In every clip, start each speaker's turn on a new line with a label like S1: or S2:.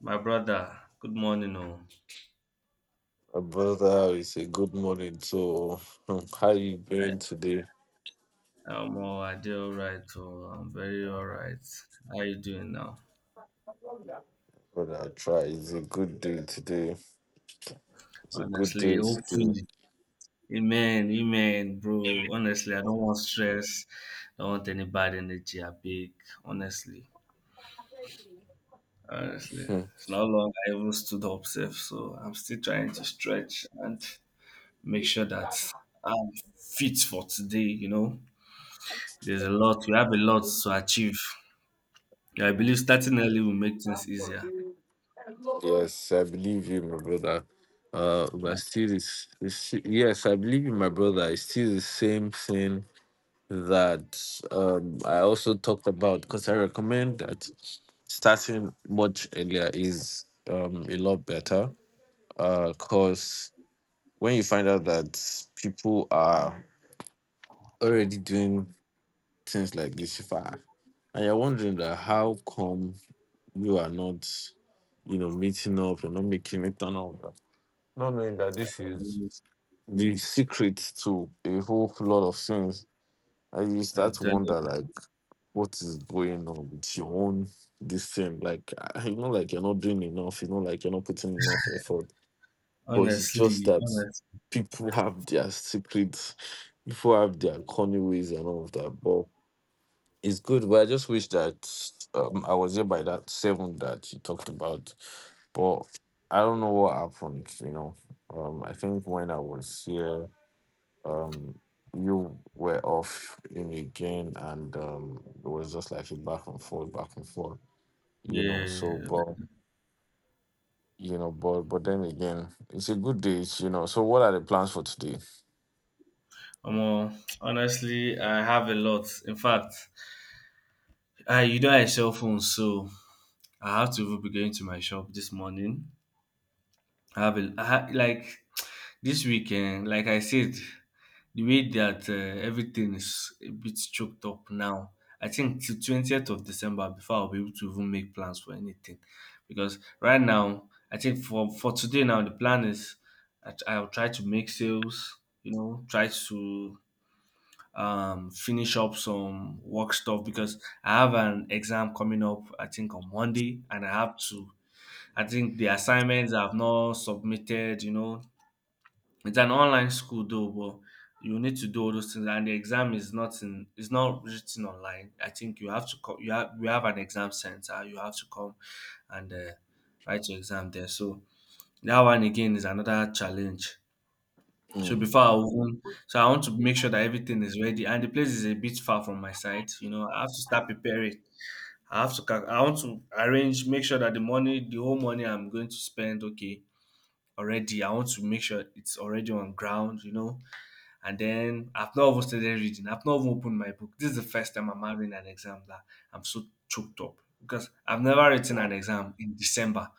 S1: My brother, good morning. Oh,
S2: My brother, it's a good morning. So, how you
S1: I,
S2: doing today?
S1: I did all right. Oh, I'm very all right. How you doing now?
S2: Brother, I try. It's a good day today. It's a good
S1: Honestly,
S2: day today.
S1: hopefully. Amen, amen, bro. Honestly, I don't want stress. Don't want any bad energy. I beg. Honestly, honestly,
S2: Hmm.
S1: it's not long I even stood up safe, so I'm still trying to stretch and make sure that I'm fit for today. There's a lot. We have a lot to achieve. Yeah, I believe starting early will make things easier.
S2: Yes, I believe you, my brother. But still, I believe you, my brother. It's still the same thing that I also talked about, because I recommend that starting much earlier is a lot better. Cause when you find out that people are already doing things like this far. And you're wondering that how come you are not, you know, meeting up, you're not making it and all that. Not knowing that this is
S1: I'm
S2: the secret to a whole lot of things. And you start
S1: telling
S2: to
S1: you,
S2: wonder like what is going on with your own this thing. Like ah, you know, like you're not doing enough, you know, like you're not putting enough effort. But it's just
S1: honestly,
S2: that
S1: honestly,
S2: people have their secrets, people have their corny ways and all of that. But it's good, but I just wish that I was here by that seven that you talked about. But I don't know what happened, you know. I think when I was here, um, you were off in again, and it was just like a back and forth, you know.
S1: yeah.
S2: So, but
S1: Like,
S2: you know, but then again, it's a good day, you know. So, what are the plans for today?
S1: omo, honestly, I have a lot. In fact, I you know I sell phones, so I have to even be going to my shop this morning. I have a I ha- like this weekend, like I said, the way that everything is a bit choked up now. I think till 20th of December before I'll be able to even make plans for anything. Because right now, I think for today now, the plan is I'll try to make sales, you know, try to finish up some work stuff because I have an exam coming up, I think on Monday, and I have to, I think the assignments I've not submitted, you know, it's an online school though, but you need to do all those things, and the exam is not in. It's not written online. I think you have to come. You have we have an exam center. You have to come and write your exam there. So that one again is another challenge. So
S2: Mm.
S1: before I even, so I want to make sure that everything is ready, and the place is a bit far from my site. You know, I have to start preparing. I have to I want to arrange, make sure that the whole money I'm going to spend, okay, already. I want to make sure it's already on ground. You know, and then I've not even started reading. I've not even opened my book. This is the first time I'm having an exam that I'm so choked up because I've never written an
S2: Wow.
S1: exam in December.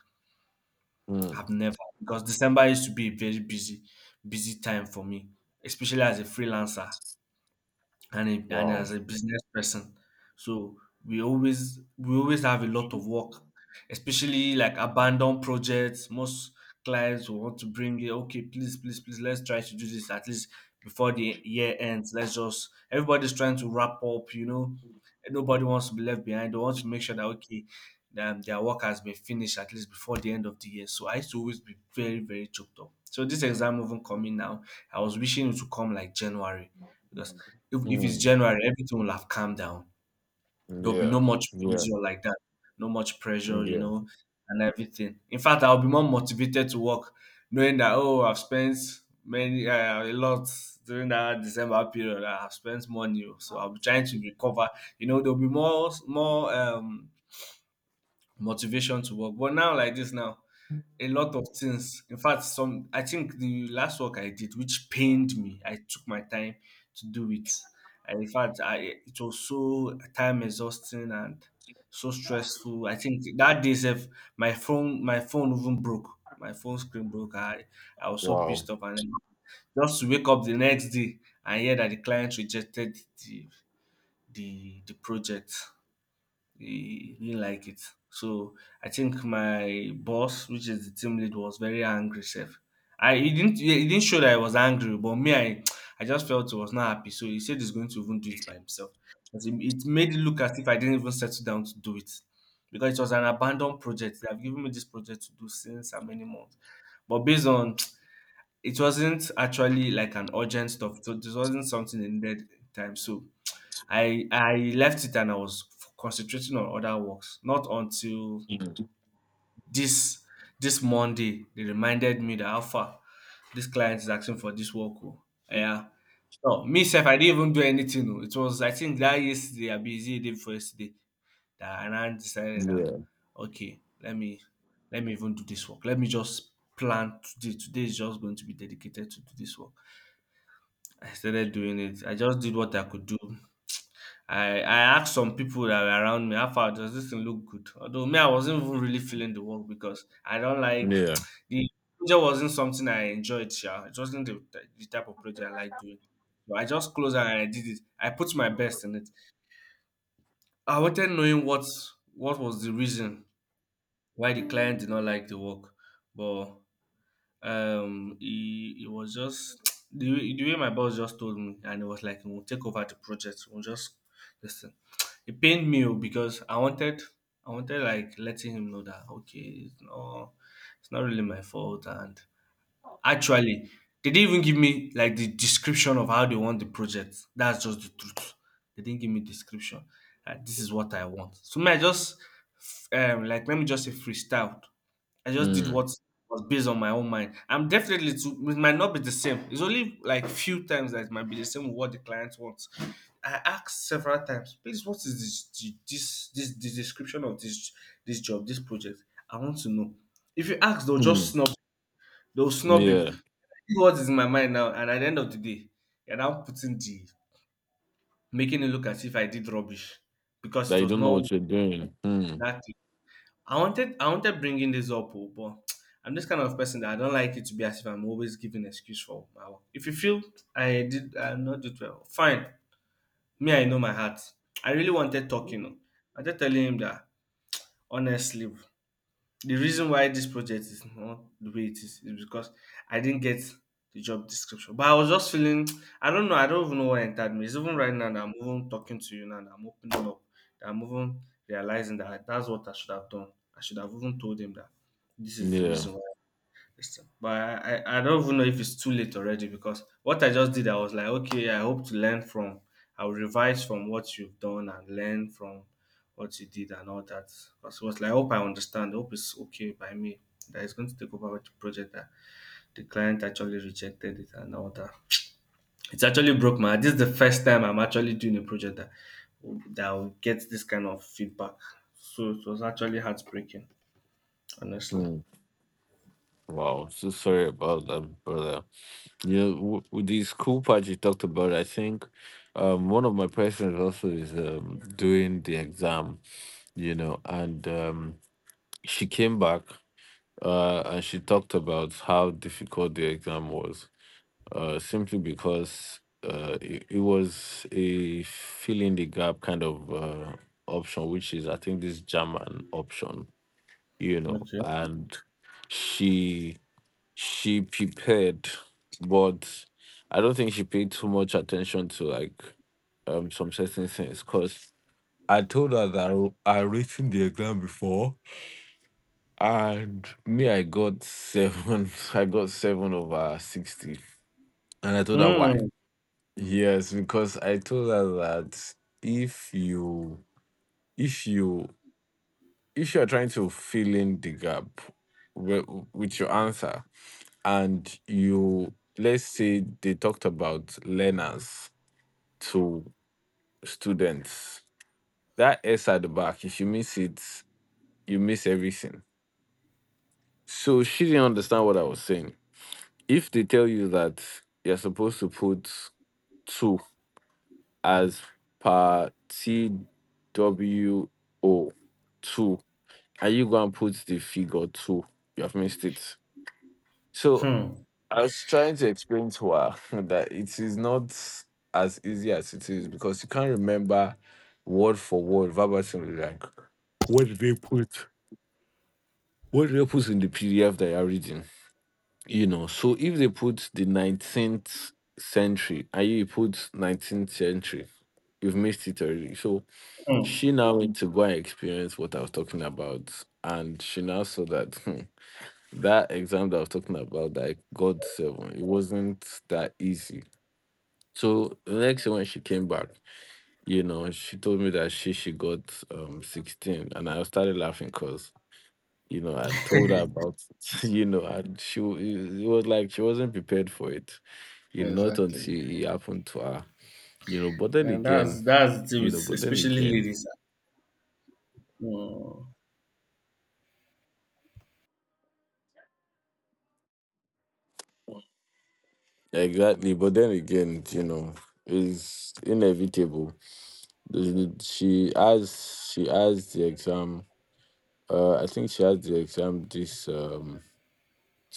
S2: Mm.
S1: I've never, because December used to be a very busy, busy time for me, especially as a freelancer and
S2: Wow.
S1: as a business person, so we always have a lot of work, especially like abandoned projects. Most clients will want to bring it, okay, please please please, let's try to do this at least before the year ends. Let's just, everybody's trying to wrap up, you know, nobody wants to be left behind. They want to make sure that, okay, their work has been finished at least before the end of the year. So I used to always be very very choked up, so this exam even coming now, I was wishing it would come like January, because if it's
S2: Mm.
S1: January, everything will have calmed down. There'll be no
S2: Yeah.
S1: much
S2: Yeah.
S1: pressure like that. No much pressure, you
S2: Yeah.
S1: know, and everything. In fact, I'll be more motivated to work, knowing that, oh, I've spent many a lot during that December period. I've spent money, oh, so I'll be trying to recover. You know, there'll be more motivation to work. But now, like this now, a lot of things. In fact, some, I think the last work I did, which pained me, I took my time to do it. And in fact, I, it was so time exhausting and so stressful. I think that day, sef, my phone even broke. My phone screen broke. I was so pissed
S2: Wow.
S1: off, and then just to wake up the next day and hear that the client rejected the the project, he didn't like it. So I think my boss, which is the team lead, was very angry. Chef, I he didn't show that I was angry, but me, I just felt he was not happy. So he said he's going to even do it by himself, because it made it look as if I didn't even settle down to do it, because it was an abandoned project. They have given me this project to do since how many months. But based on, it wasn't actually like an urgent stuff. So this wasn't something they needed time. So I left it and I was concentrating on other works. Not until
S2: Mm.
S1: this this Monday they reminded me that Alpha, this client is asking for this work, oh." Yeah. No, me self, I didn't even do anything, oh. It was, I think that yesterday, I busy day before yesterday that, and I decided that
S2: Yeah.
S1: okay, let me even do this work. Let me just plan today. Today is just going to be dedicated to do this work. I started doing it. I just did what I could do. I asked some people that were around me, how far, does this thing look good? Although me, I wasn't even really feeling the work because I don't like,
S2: Yeah.
S1: the project wasn't something I enjoyed. Yeah, it wasn't the type of project I like doing. But I just closed and I did it. I put my best in it. I wanted knowing what was the reason why the client did not like the work, but he was just, the way my boss just told me, and it was like we'll take over the project, we'll just listen. It pained me, oh, because I wanted like letting him know that okay, it's not really my fault. And actually, they didn't even give me like the description of how they want the project. That's just the truth. They didn't give me description. This is what I want. So me, I just like let me just say freestyled. I just did
S2: Mm.
S1: what was based on my own mind. I'm definitely to, it might not be the same. It's only like few times that it might be the same with what the client wants. I asked several times, please, what is this the description of this job, this project? I want to know. If you ask, they'll just
S2: Mm.
S1: snub. They'll snub you,
S2: Yeah.
S1: what is in my mind now, and at the end of the day you're now putting the, making it look as if I did rubbish, because it
S2: They
S1: was
S2: don't know
S1: not
S2: what you're doing. Mm.
S1: that thing. I wanted bringing this up, oh, but I'm this kind of person that I don't like it to be as if I'm always giving excuse for my work. If you feel I did, I not did well, fine, me I know my heart. I really wanted talking, oh. I just telling him that honestly, the reason why this project is not the way it is because I didn't get the job description. But I was just feeling, I don't know, I don't even know what entered me. It's even right now that I'm even talking to you now that I'm opening up, that I'm even realizing that that's what I should have done. I should have even told him that this is the
S2: Yeah.
S1: reason why it's, but I don't even know if it's too late already, because what I just did, I was like, okay, I hope to learn from, I'll revise from what you've done and learn from what you did and all that. Because it was like, I hope I understand, I hope it's okay by me that it's going to take over with the project that the client actually rejected it and all that. It's actually broke my. This is the first time I'm actually doing a project that that will get this kind of feedback. So it was actually heartbreaking, honestly.
S2: Mm. Wow. So sorry about that, brother. Yeah. With these cool parts you talked about, I think one of my patients also is doing the exam, you know, and she came back and she talked about how difficult the exam was simply because it was a fill in the gap kind of option, which is I think this German option, you know,
S1: Okay.
S2: and she she prepared, but I don't think she paid too much attention to like some certain things because. I told her that I written the exam before, and me I got 7. I got 7 over 60, and I told her why.
S1: Hmm.
S2: Yes, because I told her that if you if you if you are trying to fill in the gap with, with your answer, and you, let's say they talked about learners to students, that S at the back, if you miss it, you miss everything. So she didn't understand what I was saying. If they tell you that you're supposed to put two as per TWO two. And you going to put the figure two. You have missed it. So
S1: Hmm.
S2: I was trying to explain to her that it is not as easy as it is, because you can't remember word for word verbatim like what did they put what did they put in the PDF that you're reading. You know, so if they put the 19th century and you put 19th century, you've missed it already. So
S1: Hmm.
S2: she now went to go and experience what I was talking about, and she now saw that hmm, that exam that I was talking about that I got 7, it wasn't that easy. So the next year when she came back, you know, she told me that she got 16, and I started laughing because you know I told her about you know, and it was like she wasn't prepared for it, you know, not
S1: Exactly.
S2: until it happened to her, you know. But then
S1: And
S2: again,
S1: that's the thing
S2: you
S1: with
S2: know, but then
S1: especially
S2: again.
S1: ladies. Mm.
S2: Exactly, but then again, you know, it's inevitable. She has the exam. I think she has the exam this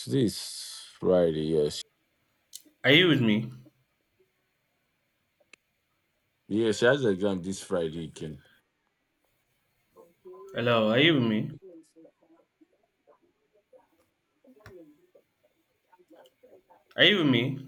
S2: this Friday. Yes,
S1: Are you with me?
S2: yeah, she has the exam this Friday. Can.
S1: Hello, are you with me? Are you with me?